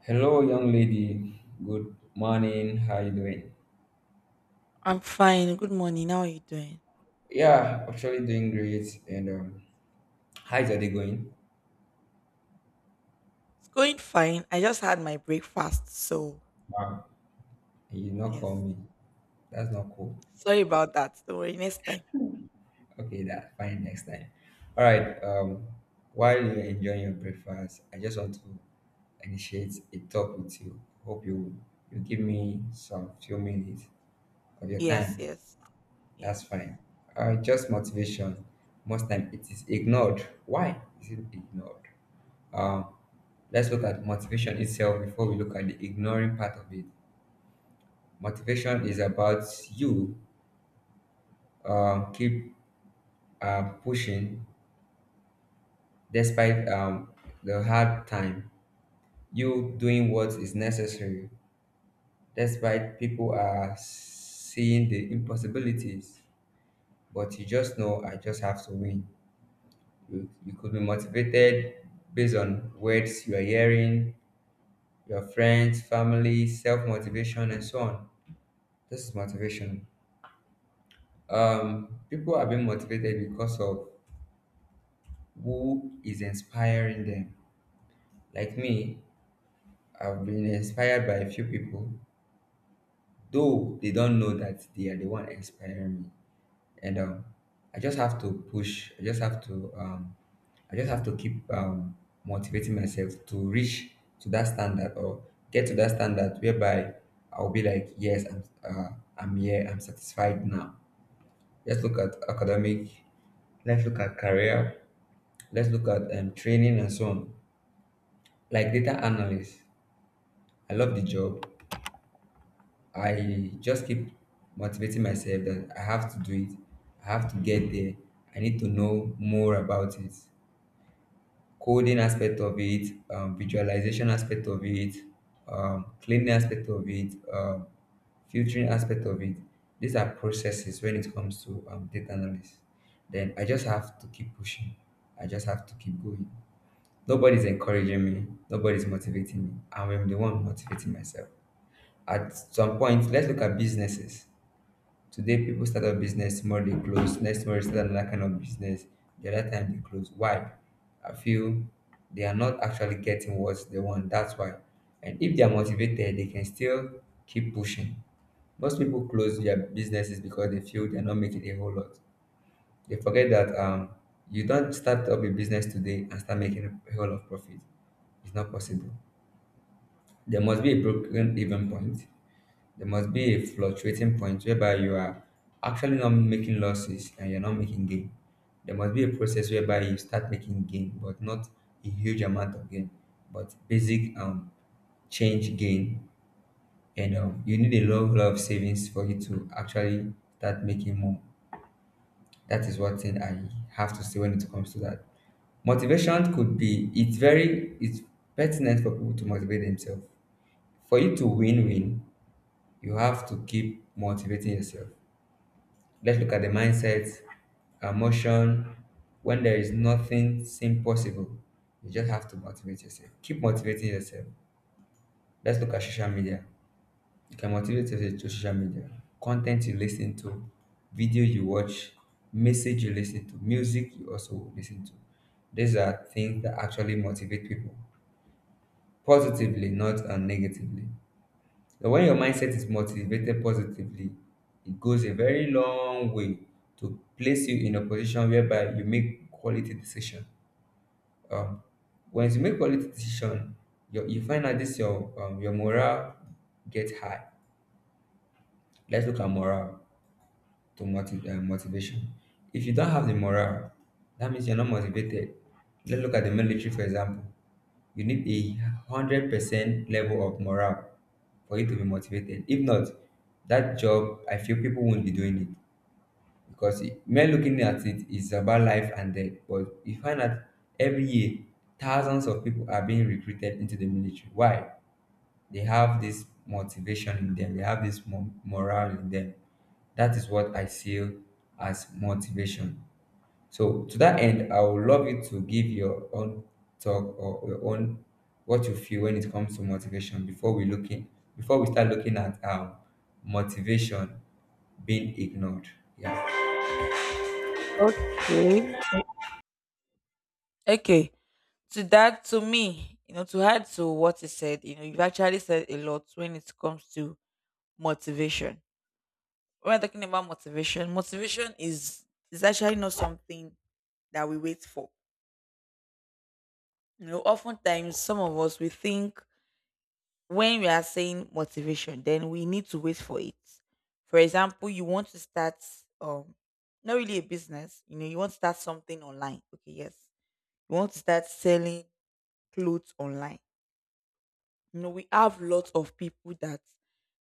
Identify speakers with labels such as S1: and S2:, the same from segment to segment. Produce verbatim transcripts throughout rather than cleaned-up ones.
S1: Hello, young lady. Good morning. How you doing?
S2: I'm fine. Good morning. How are you doing?
S1: Yeah, actually doing great. And um, How is your day going?
S2: It's going fine. I just had my breakfast, so
S1: Wow. You did not call
S2: yes.
S1: me. That's not cool.
S2: Sorry about that. Don't worry. Next time.
S1: Okay, that fine. Next time. All right. Um, while you're enjoying your breakfast, I just want to initiate a talk with you. Hope you you give me some few minutes of your
S2: Yes,
S1: time.
S2: yes,
S1: That's
S2: yes.
S1: fine. Uh, just motivation. Most time it is ignored. Why is it ignored? Um, Let's look at motivation itself before we look at the ignoring part of it. Motivation is about you um, keep uh, pushing despite um, the hard time, you doing what is necessary, despite people are seeing the impossibilities. But you just know, I just have to win. You, you could be motivated based on words you are hearing, your friends, family, self motivation, and so on. This is motivation um people are being motivated because of who is inspiring them, like me. I've been inspired by a few people, though they don't know that they are the one inspiring me. And um I just have to push I just have to um I just have to keep um motivating myself to reach to that standard, or get to that standard whereby I'll be like, yes, i'm uh, I'm here, I'm satisfied now. Let's look at academic. Let's look at career. Let's look at um, training and so on. Like data analyst, I love the job. I just keep motivating myself that I have to do it. I have to get there. I need to know more about it. Coding aspect of it, um, visualization aspect of it, um, cleaning aspect of it, um, filtering aspect of it. These are processes when it comes to um, data analysis. Then I just have to keep pushing. I just have to keep going. Nobody's encouraging me. Nobody's motivating me. I'm the one motivating myself. At some point, let's look at businesses. Today people start a business, tomorrow they close, next tomorrow they start another kind of business, the other time they close. Why? I feel they are not actually getting what they want. That's why. And if they are motivated, they can still keep pushing. Most people close their businesses because they feel they're not making a whole lot. They forget that um, you don't start up a business today and start making a whole lot of profit. It's not possible. There must be a broken even point. There must be a fluctuating point whereby you are actually not making losses and you're not making gain. There must be a process whereby you start making gain, but not a huge amount of gain, but basic um change gain. And um, you need a lot, lot of savings for you to actually start making more. That is one thing I have to say when it comes to that. Motivation could be it's very it's pertinent for people to motivate themselves. For you to win win, you have to keep motivating yourself. Let's look at the mindset, emotion. When there is nothing seem possible, you just have to motivate yourself. Keep motivating yourself. Let's look at social media. You can motivate yourself through social media. Content you listen to, video you watch, message you listen to, music you also listen to. These are things that actually motivate people positively, not uh, negatively. So when your mindset is motivated positively, it goes a very long way to place you in a position whereby you make quality decision. Um, Once you make quality decision, your, you find out this your um, your morale get high. Let's look at morale to motiv- uh, motivation. If you don't have the morale, that means you're not motivated. Let's look at the military, for example. You need a one hundred percent level of morale for you to be motivated. If not, that job, I feel people won't be doing it because it, mere looking at it is about life and death. But you find that every year, thousands of people are being recruited into the military. Why? They have this motivation in them, they have this mo- morale in them. That is what I feel as motivation. So to that end, I would love you to give your own talk or your own what you feel when it comes to motivation before we looking before we start looking at um motivation being ignored. Yeah.
S2: Okay. Okay. To that, to me, you know, to add to what you said, you know, you've actually said a lot when it comes to motivation. When we're talking about motivation, motivation is is actually not something that we wait for. You know, oftentimes some of us we think when we are saying motivation, then we need to wait for it. For example, you want to start um not really a business, you know, you want to start something online. Okay, yes. You want to start selling clothes online. You know, we have lots of people that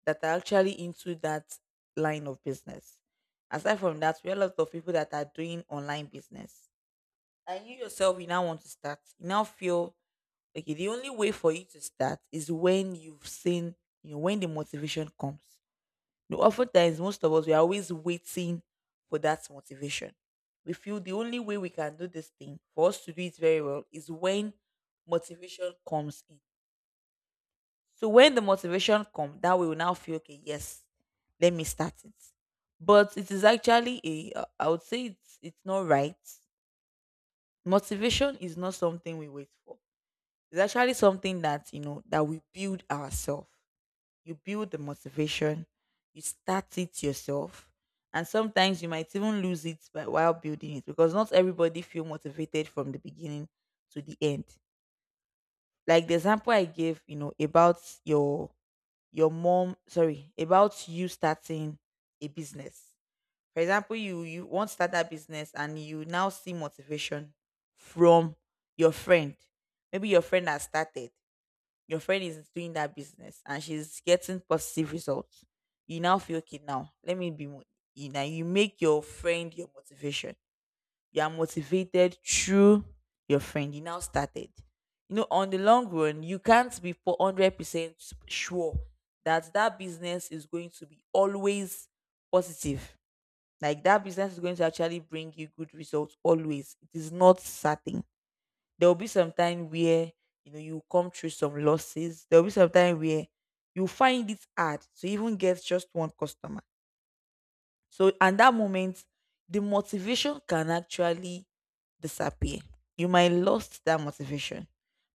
S2: that are actually into that line of business. Aside from that, we have lots of people that are doing online business. And you yourself, you now want to start. You now feel okay, the only way for you to start is when you've seen, you know, when the motivation comes. You know, oftentimes, most of us, we are always waiting for that motivation. We feel the only way we can do this thing, for us to do it very well, is when motivation comes in. So when the motivation comes, that we will now feel, okay, yes, let me start it. But it is actually a, I would say it's, it's not right. Motivation is not something we wait for. It's actually something that, you know, that we build ourselves. You build the motivation, you start it yourself, and sometimes you might even lose it by while building it, because not everybody feel motivated from the beginning to the end. Like the example I gave, you know, about your your mom, sorry, about you starting a business. For example, you you want to start that business and you now see motivation from your friend. Maybe your friend has started your friend is doing that business and she's getting positive results, you now feel okay. Now let me be mo- you now you make your friend your motivation. You are motivated through your friend. You now started. You know, on the long run, you can't be for hundred percent sure that that business is going to be always positive. Like that business is going to actually bring you good results always. It is not certain. There'll be some time where, you know, you come through some losses. There'll be some time where you find it hard to even get just one customer, so, and that moment, the motivation can actually disappear. You might lost that motivation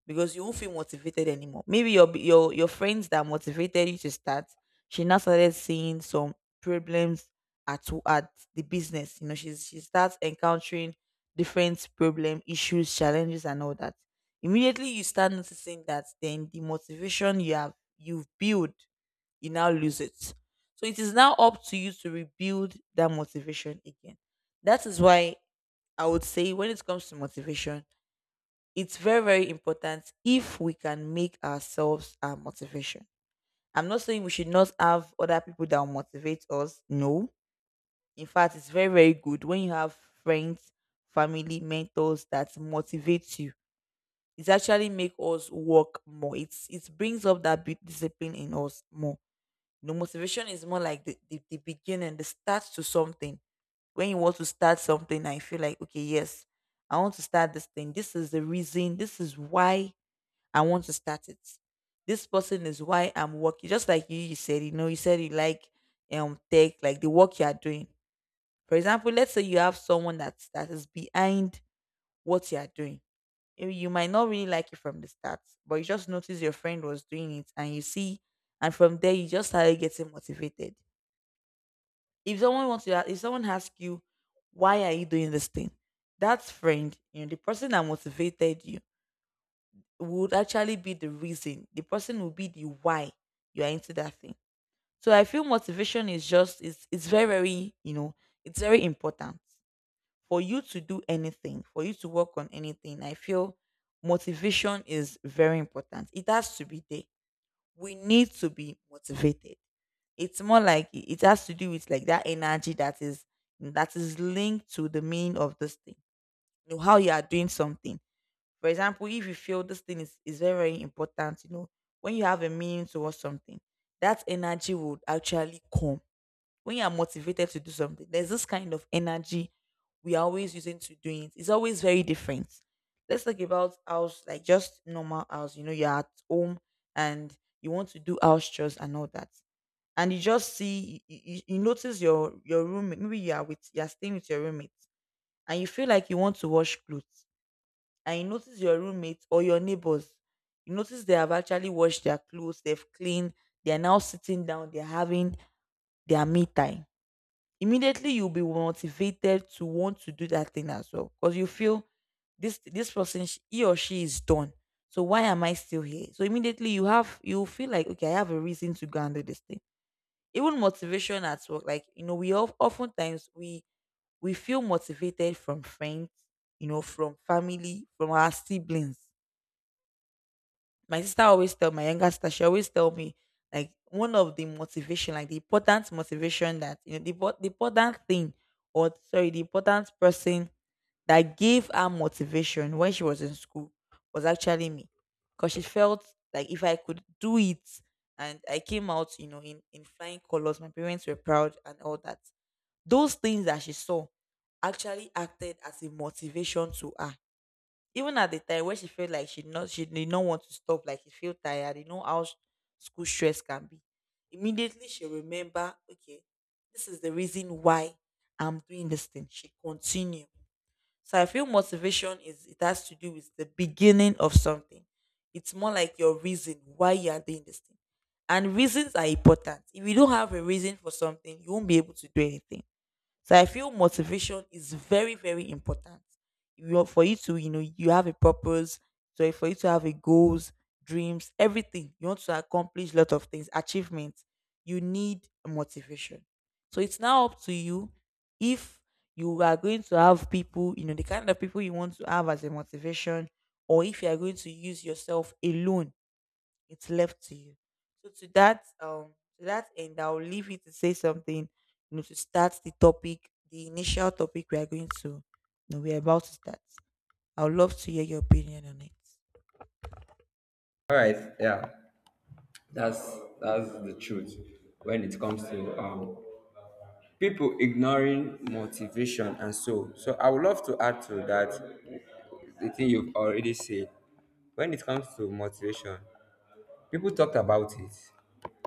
S2: because you won't feel motivated anymore. Maybe your your your friends that motivated you to start, she now started seeing some problems at w- at the business. You know, she's she starts encountering different problem, issues, challenges, and all that. Immediately, you start noticing that then the motivation you have you've built, you now lose it. So it is now up to you to rebuild that motivation again. That is why I would say, when it comes to motivation, it's very, very important if we can make ourselves our motivation. I'm not saying we should not have other people that will motivate us. No. In fact, it's very, very good when you have friends, family, mentors that motivate you. It actually make us work more. It's it brings up that bit discipline in us more. The motivation is more like the, the, the beginning, the start to something. When you want to start something, I feel like, okay, yes, I want to start this thing. This is the reason. This is why I want to start it. This person is why I'm working. Just like you, you said, you know, you said you like um tech, like the work you are doing. For example, let's say you have someone that that is behind what you are doing. You you might not really like it from the start, but you just notice your friend was doing it and you see, and from there you just started getting motivated. If someone wants to, if someone asks you, why are you doing this thing, that friend, you know, the person that motivated you would actually be the reason, the person will be the why you are into that thing. So I feel motivation is just, it's it's very, very, you know, it's very important for you to do anything, for you to work on anything. I feel motivation is very important, it has to be there, we need to be motivated. It's more like it it has to do with like that energy that is, that is linked to the meaning of this thing. You know, how you are doing something. For example, if you feel this thing is, is very, very important, you know, when you have a meaning towards something, that energy would actually come. When you are motivated to do something, there's this kind of energy we are always using to doing it. It's always very different. Let's talk about house, like just normal house. You know, you're at home and you want to do house chores and all that. And you just see, you, you you notice your your roommate. Maybe you are with, you are staying with your roommate, and you feel like you want to wash clothes. And you notice your roommate or your neighbors. You notice they have actually washed their clothes. They've cleaned. They are now sitting down. They're having their me time. Immediately you'll be motivated to want to do that thing as well, because you feel this this person sh- he or she is done, so why am I still here? So immediately you have you feel like, okay, I have a reason to go and do this thing. Even motivation at work, like, you know, we of, oftentimes we we feel motivated from friends, you know, from family, from our siblings. My sister always tell my younger sister She always tell me like one of the motivation, like the important motivation that, you know, the, po- the important thing, or sorry, the important person that gave her motivation when she was in school was actually me, because she felt like if I could do it and I came out, you know, in, in flying colors, my parents were proud and all that, those things that she saw actually acted as a motivation to her, even at the time when she felt like she not she did not want to stop, like she feel tired, you know how s- school stress can be. Immediately she remember, okay, this is the reason why I'm doing this thing. She continue. So I feel motivation is, it has to do with the beginning of something. It's more like your reason why you are doing this thing. And reasons are important. If you don't have a reason for something, you won't be able to do anything. So I feel motivation is very, very important. You know, for you to, you know, you have a purpose. So for you to have a goals, dreams, everything you want to accomplish, lot of things, achievements, you need motivation. So it's now up to you if you are going to have people, you know, the kind of people you want to have as a motivation, or if you are going to use yourself alone, it's left to you. So to that, um to that end, I'll leave you to say something, you know, to start the topic, the initial topic we are going to, you know, we are about to start. I would love to hear your opinion on it.
S1: All right. Yeah. That's that's the truth when it comes to um people ignoring motivation, and so so I would love to add to that the thing you've already said when it comes to motivation. People talked about it,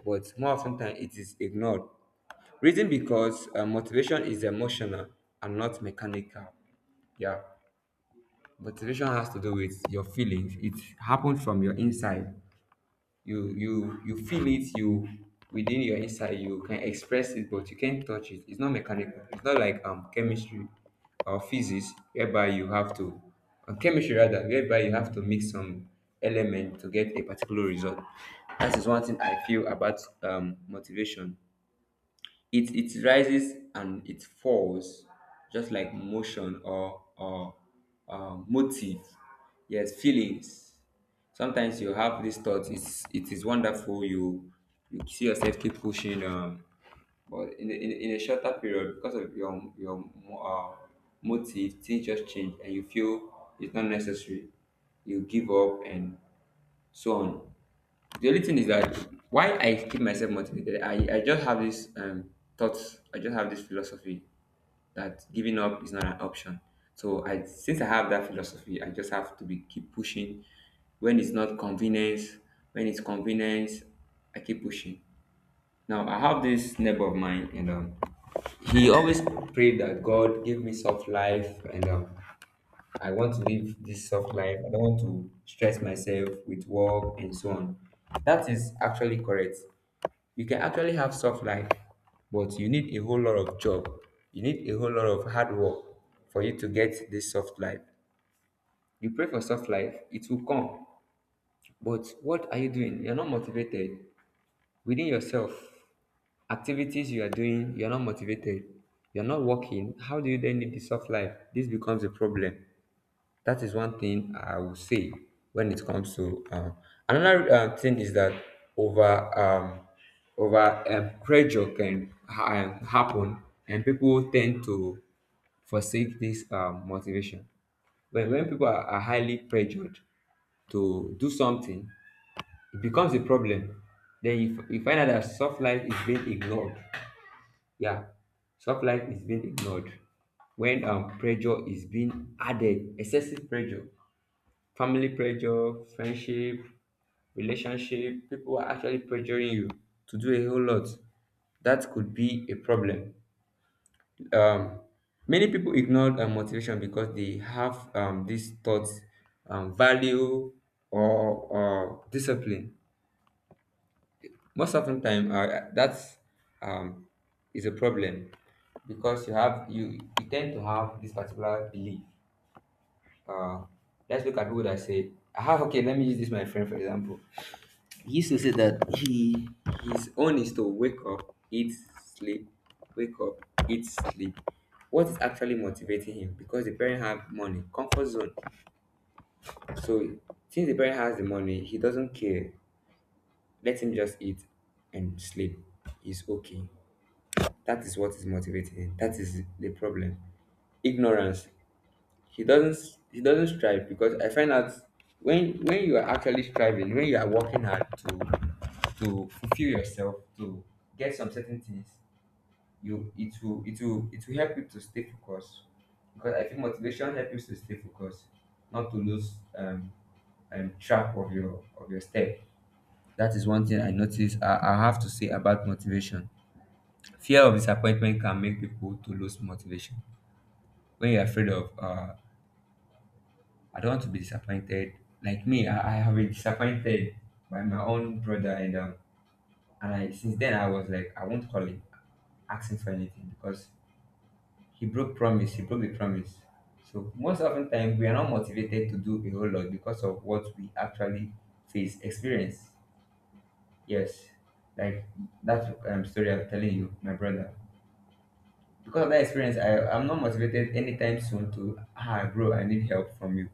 S1: but more often than it is ignored. Reason because uh, motivation is emotional and not mechanical. Yeah, motivation has to do with your feelings. It happens from your inside. You you you feel it. You Within your inside you can express it, but you can't touch it. It's not mechanical. It's not like um chemistry or physics whereby you have to, or chemistry rather, whereby you have to mix some element to get a particular result. That is one thing I feel about um motivation. It it rises and it falls, just like motion, or or uh, motive. Yes, feelings. Sometimes you have these thoughts. It's it is wonderful. You you see yourself keep pushing, um but in a, in, a- in a shorter period, because of your your mo- uh, motive, things just change and you feel it's not necessary, you give up and so on. The only thing is that, why I keep myself motivated, I, I just have this um thoughts, I just have this philosophy that giving up is not an option. So I Since I have that philosophy, I just have to be keep pushing. When it's not convenience, when it's convenience, I keep pushing. Now I have this neighbor of mine, and um he always prayed that God give me soft life, and um I want to live this soft life. I don't want to stress myself with work and so on. That is actually correct. You can actually have soft life, but you need a whole lot of job. You need a whole lot of hard work for you to get this soft life. You pray for soft life, it will come. But what are you doing? You're not motivated within yourself. Activities you are doing, you're not motivated. You're not working. How do you then need the soft life? This becomes a problem. That is one thing I would say when it comes to um, another um, thing is that over um, over um, pressure can ha- um, happen, and people tend to forsake this um, motivation. When when people are, are highly pressured to do something, it becomes a problem. Then you, f- you find out that soft life is being ignored. Yeah, soft life is being ignored when um, pressure is being added, excessive pressure. Family pressure, friendship, relationship, people are actually pressuring you to do a whole lot. That could be a problem. Um, Many people ignore uh, motivation because they have um, these thoughts, um, value, or, or discipline. Most often time, uh, that's um, is a problem because you have you, you tend to have this particular belief. Uh, let's look at people that say, ah, okay, let me use this my friend for example. He used to say that he his own is to wake up, eat, sleep, wake up, eat, sleep. What is actually motivating him? Because the parent have money, comfort zone. So since the parent has the money, he doesn't care. Let him just eat and sleep. He's okay. That is what is motivating him. That is the problem. Ignorance. he doesn't he doesn't strive because I find out, when when you are actually striving, when you are working hard to to fulfill yourself, to get some certain things, you it will it will it will help you to stay focused. Because I think motivation helps you to stay focused, not to lose um, um track of your of your step. That is one thing I notice. I, I have to say about motivation. Fear of disappointment can make people to lose motivation. When you're afraid of uh, I don't want to be disappointed. Like me, I, I have been disappointed by my own brother, and um, and I since then I was like, I won't call him, ask him for anything because he broke promise. He broke the promise. So most often time we are not motivated to do a whole lot because of what we actually face experience. Yes, like that um, story I'm telling you, my brother. Because of that experience, I, I'm not motivated anytime soon to, ah, bro, I need help from you.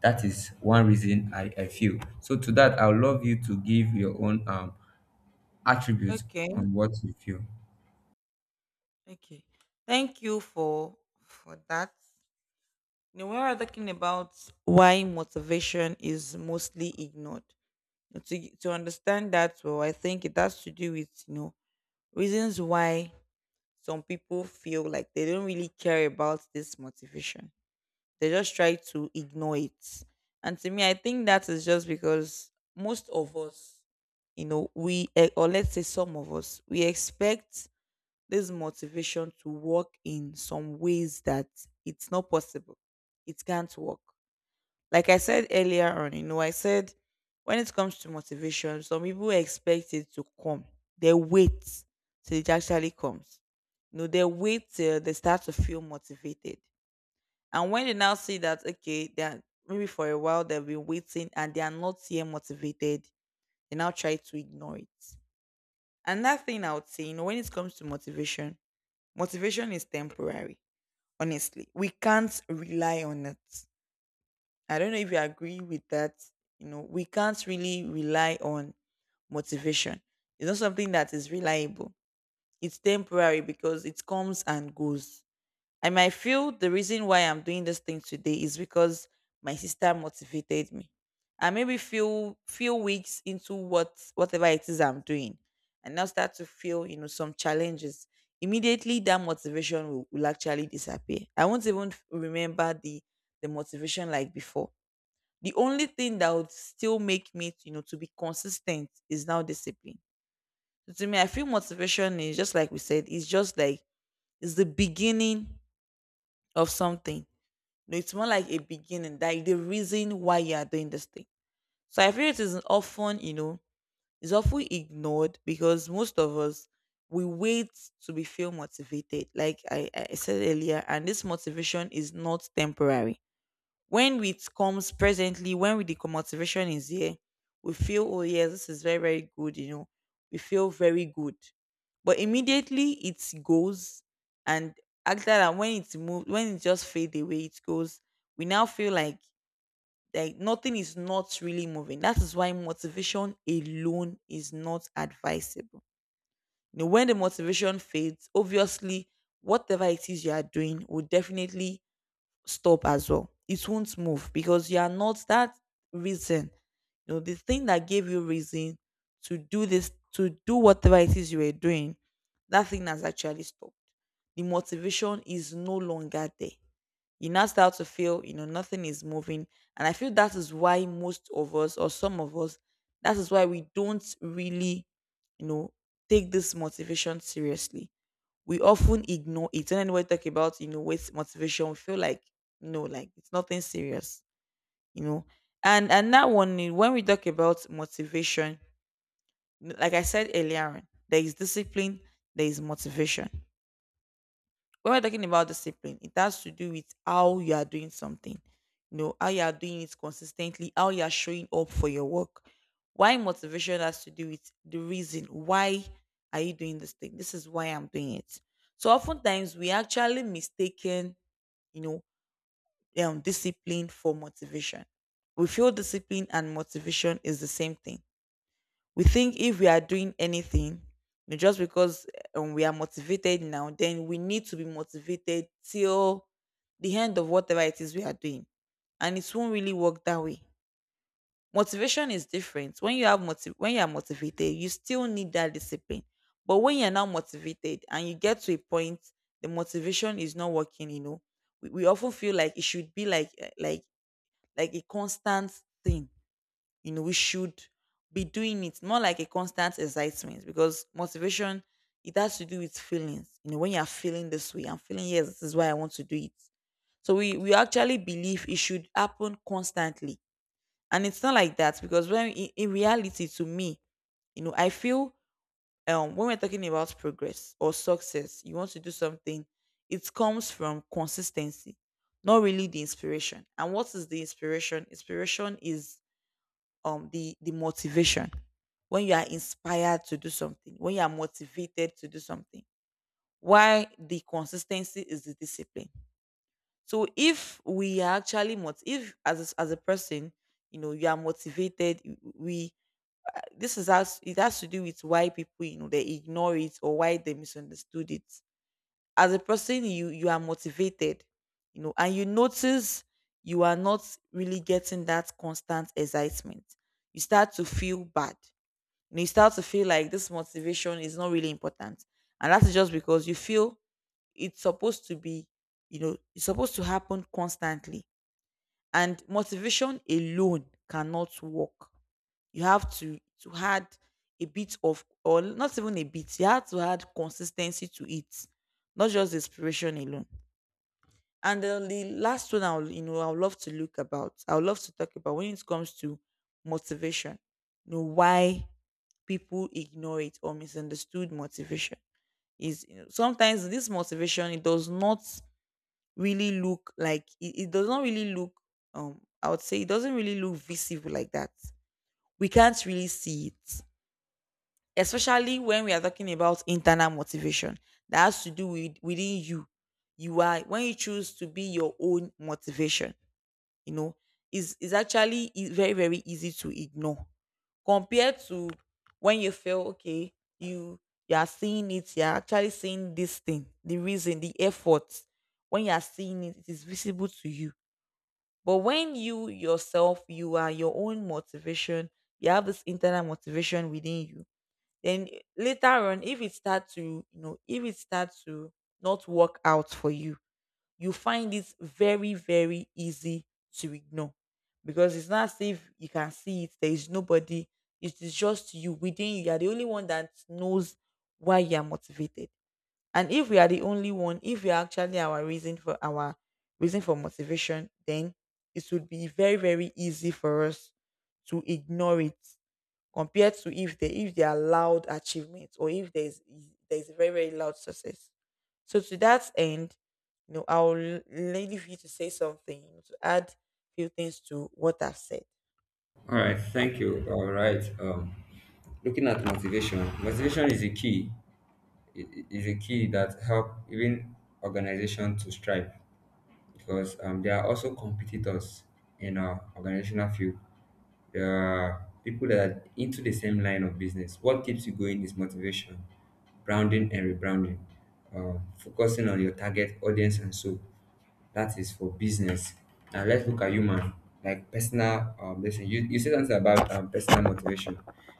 S1: That is one reason I, I feel. So, to that, I would love you to give your own um, attributes
S2: Okay,
S1: on what you feel.
S2: okay. Thank you for for that. Now, we are talking about why motivation is mostly ignored. To to understand that, well, I think it has to do with, you know, reasons why some people feel like they don't really care about this motivation. They just try to ignore it. And to me, I think that is just because most of us, you know, we, eh, or let's say some of us, we expect this motivation to work in some ways that it's not possible. It can't work. Like I said earlier on, you know, I said when it comes to motivation, some people expect it to come. They wait till it actually comes. You know, they wait till they start to feel motivated. And when they now see that, okay, they are, maybe for a while they've been waiting and they are not yet motivated, they now try to ignore it. Another thing I would say, you know, when it comes to motivation, motivation is temporary. Honestly, we can't rely on it. I don't know if you agree with that. You know, we can't really rely on motivation. It's not something that is reliable. It's temporary because it comes and goes. I might feel the reason why I'm doing this thing today is because my sister motivated me. I maybe feel few weeks into what whatever it is I'm doing, and now start to feel you know some challenges. Immediately, that motivation will, will actually disappear. I won't even f- remember the the motivation like before. The only thing that would still make me, you know, to be consistent is now discipline. So to me, I feel motivation is just like we said, it's just like it's the beginning of something. No, it's more like a beginning, like the reason why you are doing this thing. So I feel it is often, you know, is often ignored because most of us we wait to be feel motivated, like I, I said earlier, and this motivation is not temporary. When it comes presently, when with the motivation is there, we feel, oh yes, this is very, very good, you know. We feel very good. But immediately it goes and after that, when it's moved when it just fade away, it goes, we now feel like like nothing is not really moving. That is why motivation alone is not advisable. You know, when the motivation fades, obviously whatever it is you are doing will definitely stop as well. It won't move because you are not that reason. You know, the thing that gave you reason to do this, to do whatever it is you were doing, that thing has actually stopped. The motivation is no longer there. You now start to feel, you know, nothing is moving. And I feel that is why most of us or some of us, that is why we don't really, you know, take this motivation seriously. We often ignore it. And anybody talk about, you know, weight motivation, we feel like, no, like it's nothing serious, you know. And and that one, eh, when we talk about motivation, like I said earlier on, there is discipline, there is motivation. When we're talking about discipline, it has to do with how you are doing something, you know, how you are doing it consistently, how you are showing up for your work. Why motivation has to do with the reason why are you doing this thing? This is why I'm doing it. So oftentimes we actually mistaken, you know, um, discipline for motivation. We feel discipline and motivation is the same thing. We think if we are doing anything, you know, just because eh, um, we are motivated now, then we need to be motivated till the end of whatever it is we are doing. And it won't really work that way. Motivation is different. When you have motiv- when you are motivated, you still need that discipline. But when you're not motivated and you get to a point, the motivation is not working, you know, we, we often feel like it should be like eh, like like a constant thing. You know, we should be doing it more like a constant excitement, because motivation, it has to do with feelings. You know, when you're feeling this way, I'm feeling yes, this is why I want to do it. So we we actually believe it should happen constantly, and it's not like that. Because when in, in reality to me, you know, I feel um when we're talking about progress or success, you want to do something, it comes from consistency, not really the inspiration. And what is the inspiration? Inspiration is um the the motivation. When you are inspired to do something, when you are motivated to do something, why the consistency is the discipline. So if we are actually mot- if as a, as a person, you know, you are motivated you- we this is us, it has to do with why people, you know, they ignore it or why they misunderstood it. As a person, you you are motivated, you know, and you notice you are not really getting that constant excitement. You start to feel bad, and you start to feel like this motivation is not really important. And that is just because you feel it's supposed to be, you know, it's supposed to happen constantly. And motivation alone cannot work. You have to to add a bit of, or not even a bit, you have to add consistency to it, not just inspiration alone. And then the last one I'll, you know, I'd love to look about, I'd love to talk about when it comes to motivation. You know, why people ignore it or misunderstood motivation is, you know, sometimes this motivation, it does not really look like it, it does not really look, um I would say it doesn't really look visible like that. We can't really see it. Especially when we are talking about internal motivation, that has to do with within you. You are when you choose to be your own motivation, you know, is is actually e- very, very easy to ignore compared to when you feel okay, you you are seeing it, you are actually seeing this thing, the reason, the effort. When you are seeing it, it is visible to you. But when you yourself, you are your own motivation, you have this internal motivation within you. Then later on, if it starts to, you know, if it starts to not work out for you, you find it very, very easy to ignore, because it's not as if you can see it. There is nobody. It is just you within you. You are the only one that knows why you are motivated. And if we are the only one, if we are actually our reason for our reason for motivation, then it would be very, very easy for us to ignore it, compared to if they if they are loud achievements, or if there's there's very, very loud success. So to that end, you know, I'll l- leave you to say something, you know, to add few things to what I've said.
S1: All right. Thank you. All right. Um, looking at motivation, motivation is a key. i- i- Is a key that help even organization to strive because um, there are also competitors in our organizational field there people that are into the same line of business. What keeps you going is motivation, branding and rebranding, um, focusing on your target audience, and so that is for business. Now let's look at human, like personal um, blessing. You, you said something about um, personal motivation.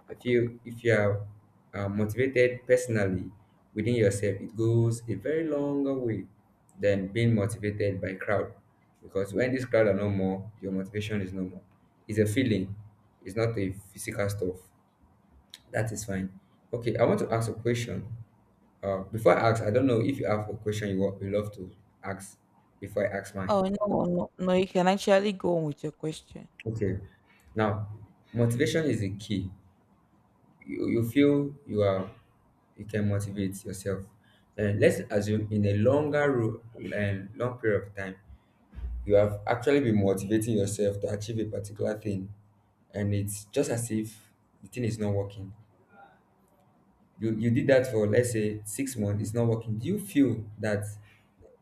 S1: If you if you are uh, motivated personally within yourself, it goes a very longer way than being motivated by crowd. Because when this crowd are no more, your motivation is no more. It's a feeling. It's not a physical stuff. That is fine. Okay, I want to ask a question. Uh, before I ask, I don't know if you have a question you, wa- you love to ask before I ask mine.
S2: Oh no, no, no! You can actually go on with your question.
S1: Okay. Now, motivation is the key. You, you feel you are you can motivate yourself. And let's assume in a longer ro- and long period of time, you have actually been motivating yourself to achieve a particular thing, and it's just as if the thing is not working. You you did that for, let's say, six months. It's not working. Do you feel that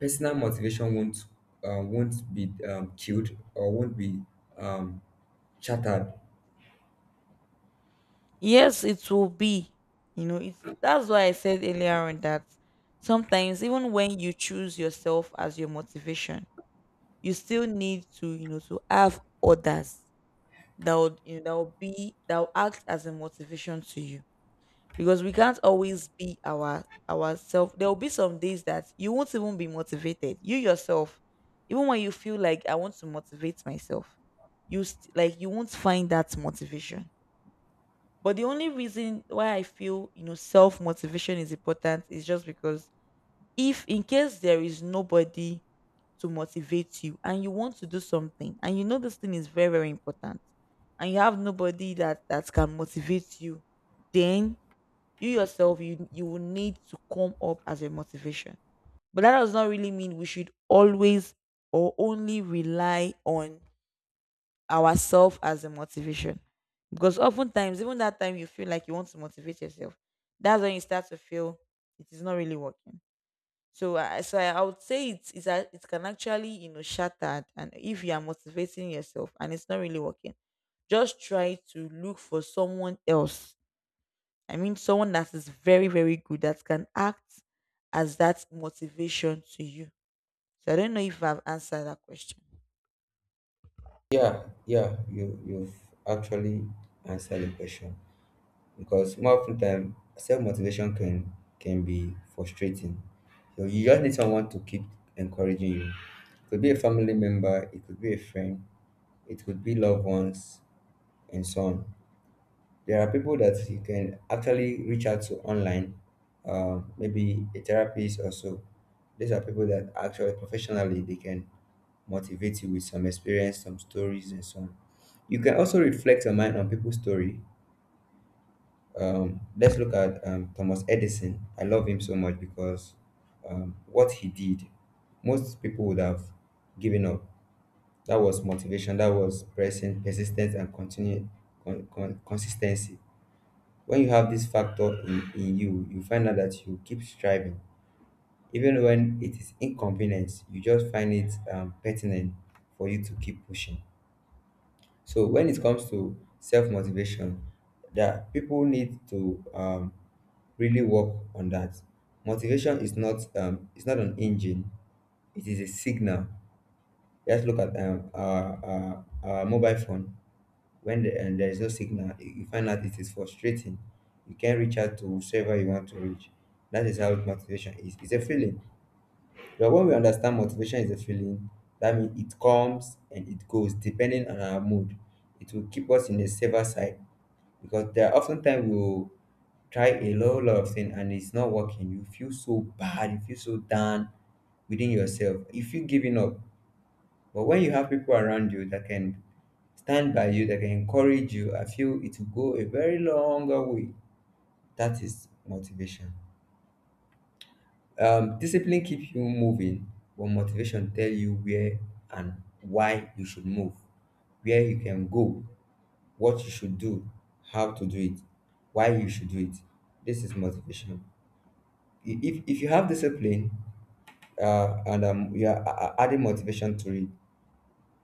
S1: personal motivation won't uh, won't be um, killed, or won't be um, shattered?
S2: Yes, it will be. You know, it's that's why I said earlier on that sometimes even when you choose yourself as your motivation, you still need to, you know, to have others that would, you know, that will be that will act as a motivation to you. Because we can't always be our ourselves. There will be some days that you won't even be motivated. You yourself, even when you feel like I want to motivate myself, you st- like you won't find that motivation. But the only reason why I feel, you know, self motivation is important is just because if in case there is nobody to motivate you and you want to do something, and you know this thing is very, very important, and you have nobody that that can motivate you, then you yourself, you you will need to come up as a motivation. But that does not really mean we should always or only rely on ourselves as a motivation. Because oftentimes, even that time you feel like you want to motivate yourself, that's when you start to feel it is not really working. So, I so I so I would say it's, it's a, it can actually, you know, shatter. And if you are motivating yourself and it's not really working, just try to look for someone else. I mean, someone that is very, very good that can act as that motivation to you. So I don't know if I've answered that question.
S1: Yeah, yeah, you you've actually answered the question, because more often time self motivation can can be frustrating. So you just need someone to keep encouraging you. It could be a family member, it could be a friend, it could be loved ones, and so on. There are people that you can actually reach out to online, uh, maybe a therapist or so. These are people that actually professionally they can motivate you with some experience, some stories, and some. You can also reflect your mind on people's story. Um, let's look at um, Thomas Edison. I love him so much because um, what he did, most people would have given up. That was motivation. That was pressing, persistence, and continue con- con- consistency When you have this factor in in you, you find out that you keep striving, even when it is inconvenient. You just find it um, pertinent for you to keep pushing. So when it comes to self-motivation, that people need to um, really work on that. Motivation is not um, it's not an engine, it is a signal. Let's look at um, our, our, our mobile phone. When the, and there is no signal, you you find out it is frustrating. You can't reach out to whoever you want to reach. That is how motivation is. It's a feeling. But when we understand motivation is a feeling, that means it comes and it goes depending on our mood. It will keep us in the safer side, because there are often times we will try a whole lot of things and it's not working. You feel so bad, you feel so down within yourself. You feel giving up. But when you have people around you that can stand by you, that can encourage you, I feel it will go a very longer way. That is motivation. Um, discipline keeps you moving, but motivation tell you where and why you should move, where you can go, what you should do, how to do it, why you should do it. This is motivation. I- If, if you have discipline uh, and um, you are a- a- adding motivation to it,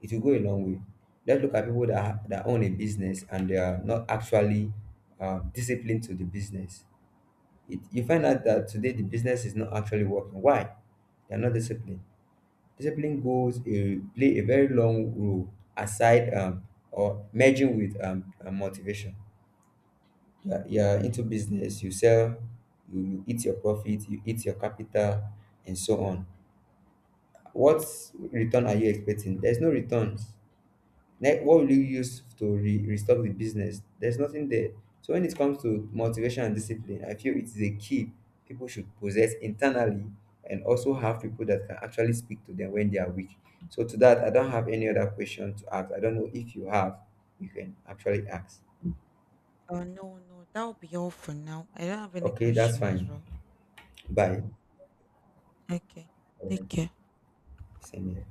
S1: it will go a long way. Let's look at people that ha- that own a business and they are not actually um, disciplined to the business. It, you find out that today the business is not actually working. Why? They are not disciplined. Discipline goes a, play a very long role aside um, or merging with um, uh, motivation. You are, you are into business. You sell. You, you eat your profit. You eat your capital, and so on. What return are you expecting? There's no return. Ne- what will you use to re- restock the business? There's nothing there. So when it comes to motivation and discipline, I feel it is a key people should possess internally, and also have people that can actually speak to them when they are weak. So to that, I don't have any other question to ask. I don't know if you have, you can actually ask.
S2: Oh, no, no. That will be all for now. I don't have any
S1: Okay, that's
S2: question as
S1: fine.
S2: well.
S1: Bye.
S2: Okay.
S1: All
S2: Take
S1: right.
S2: care.
S1: Same here.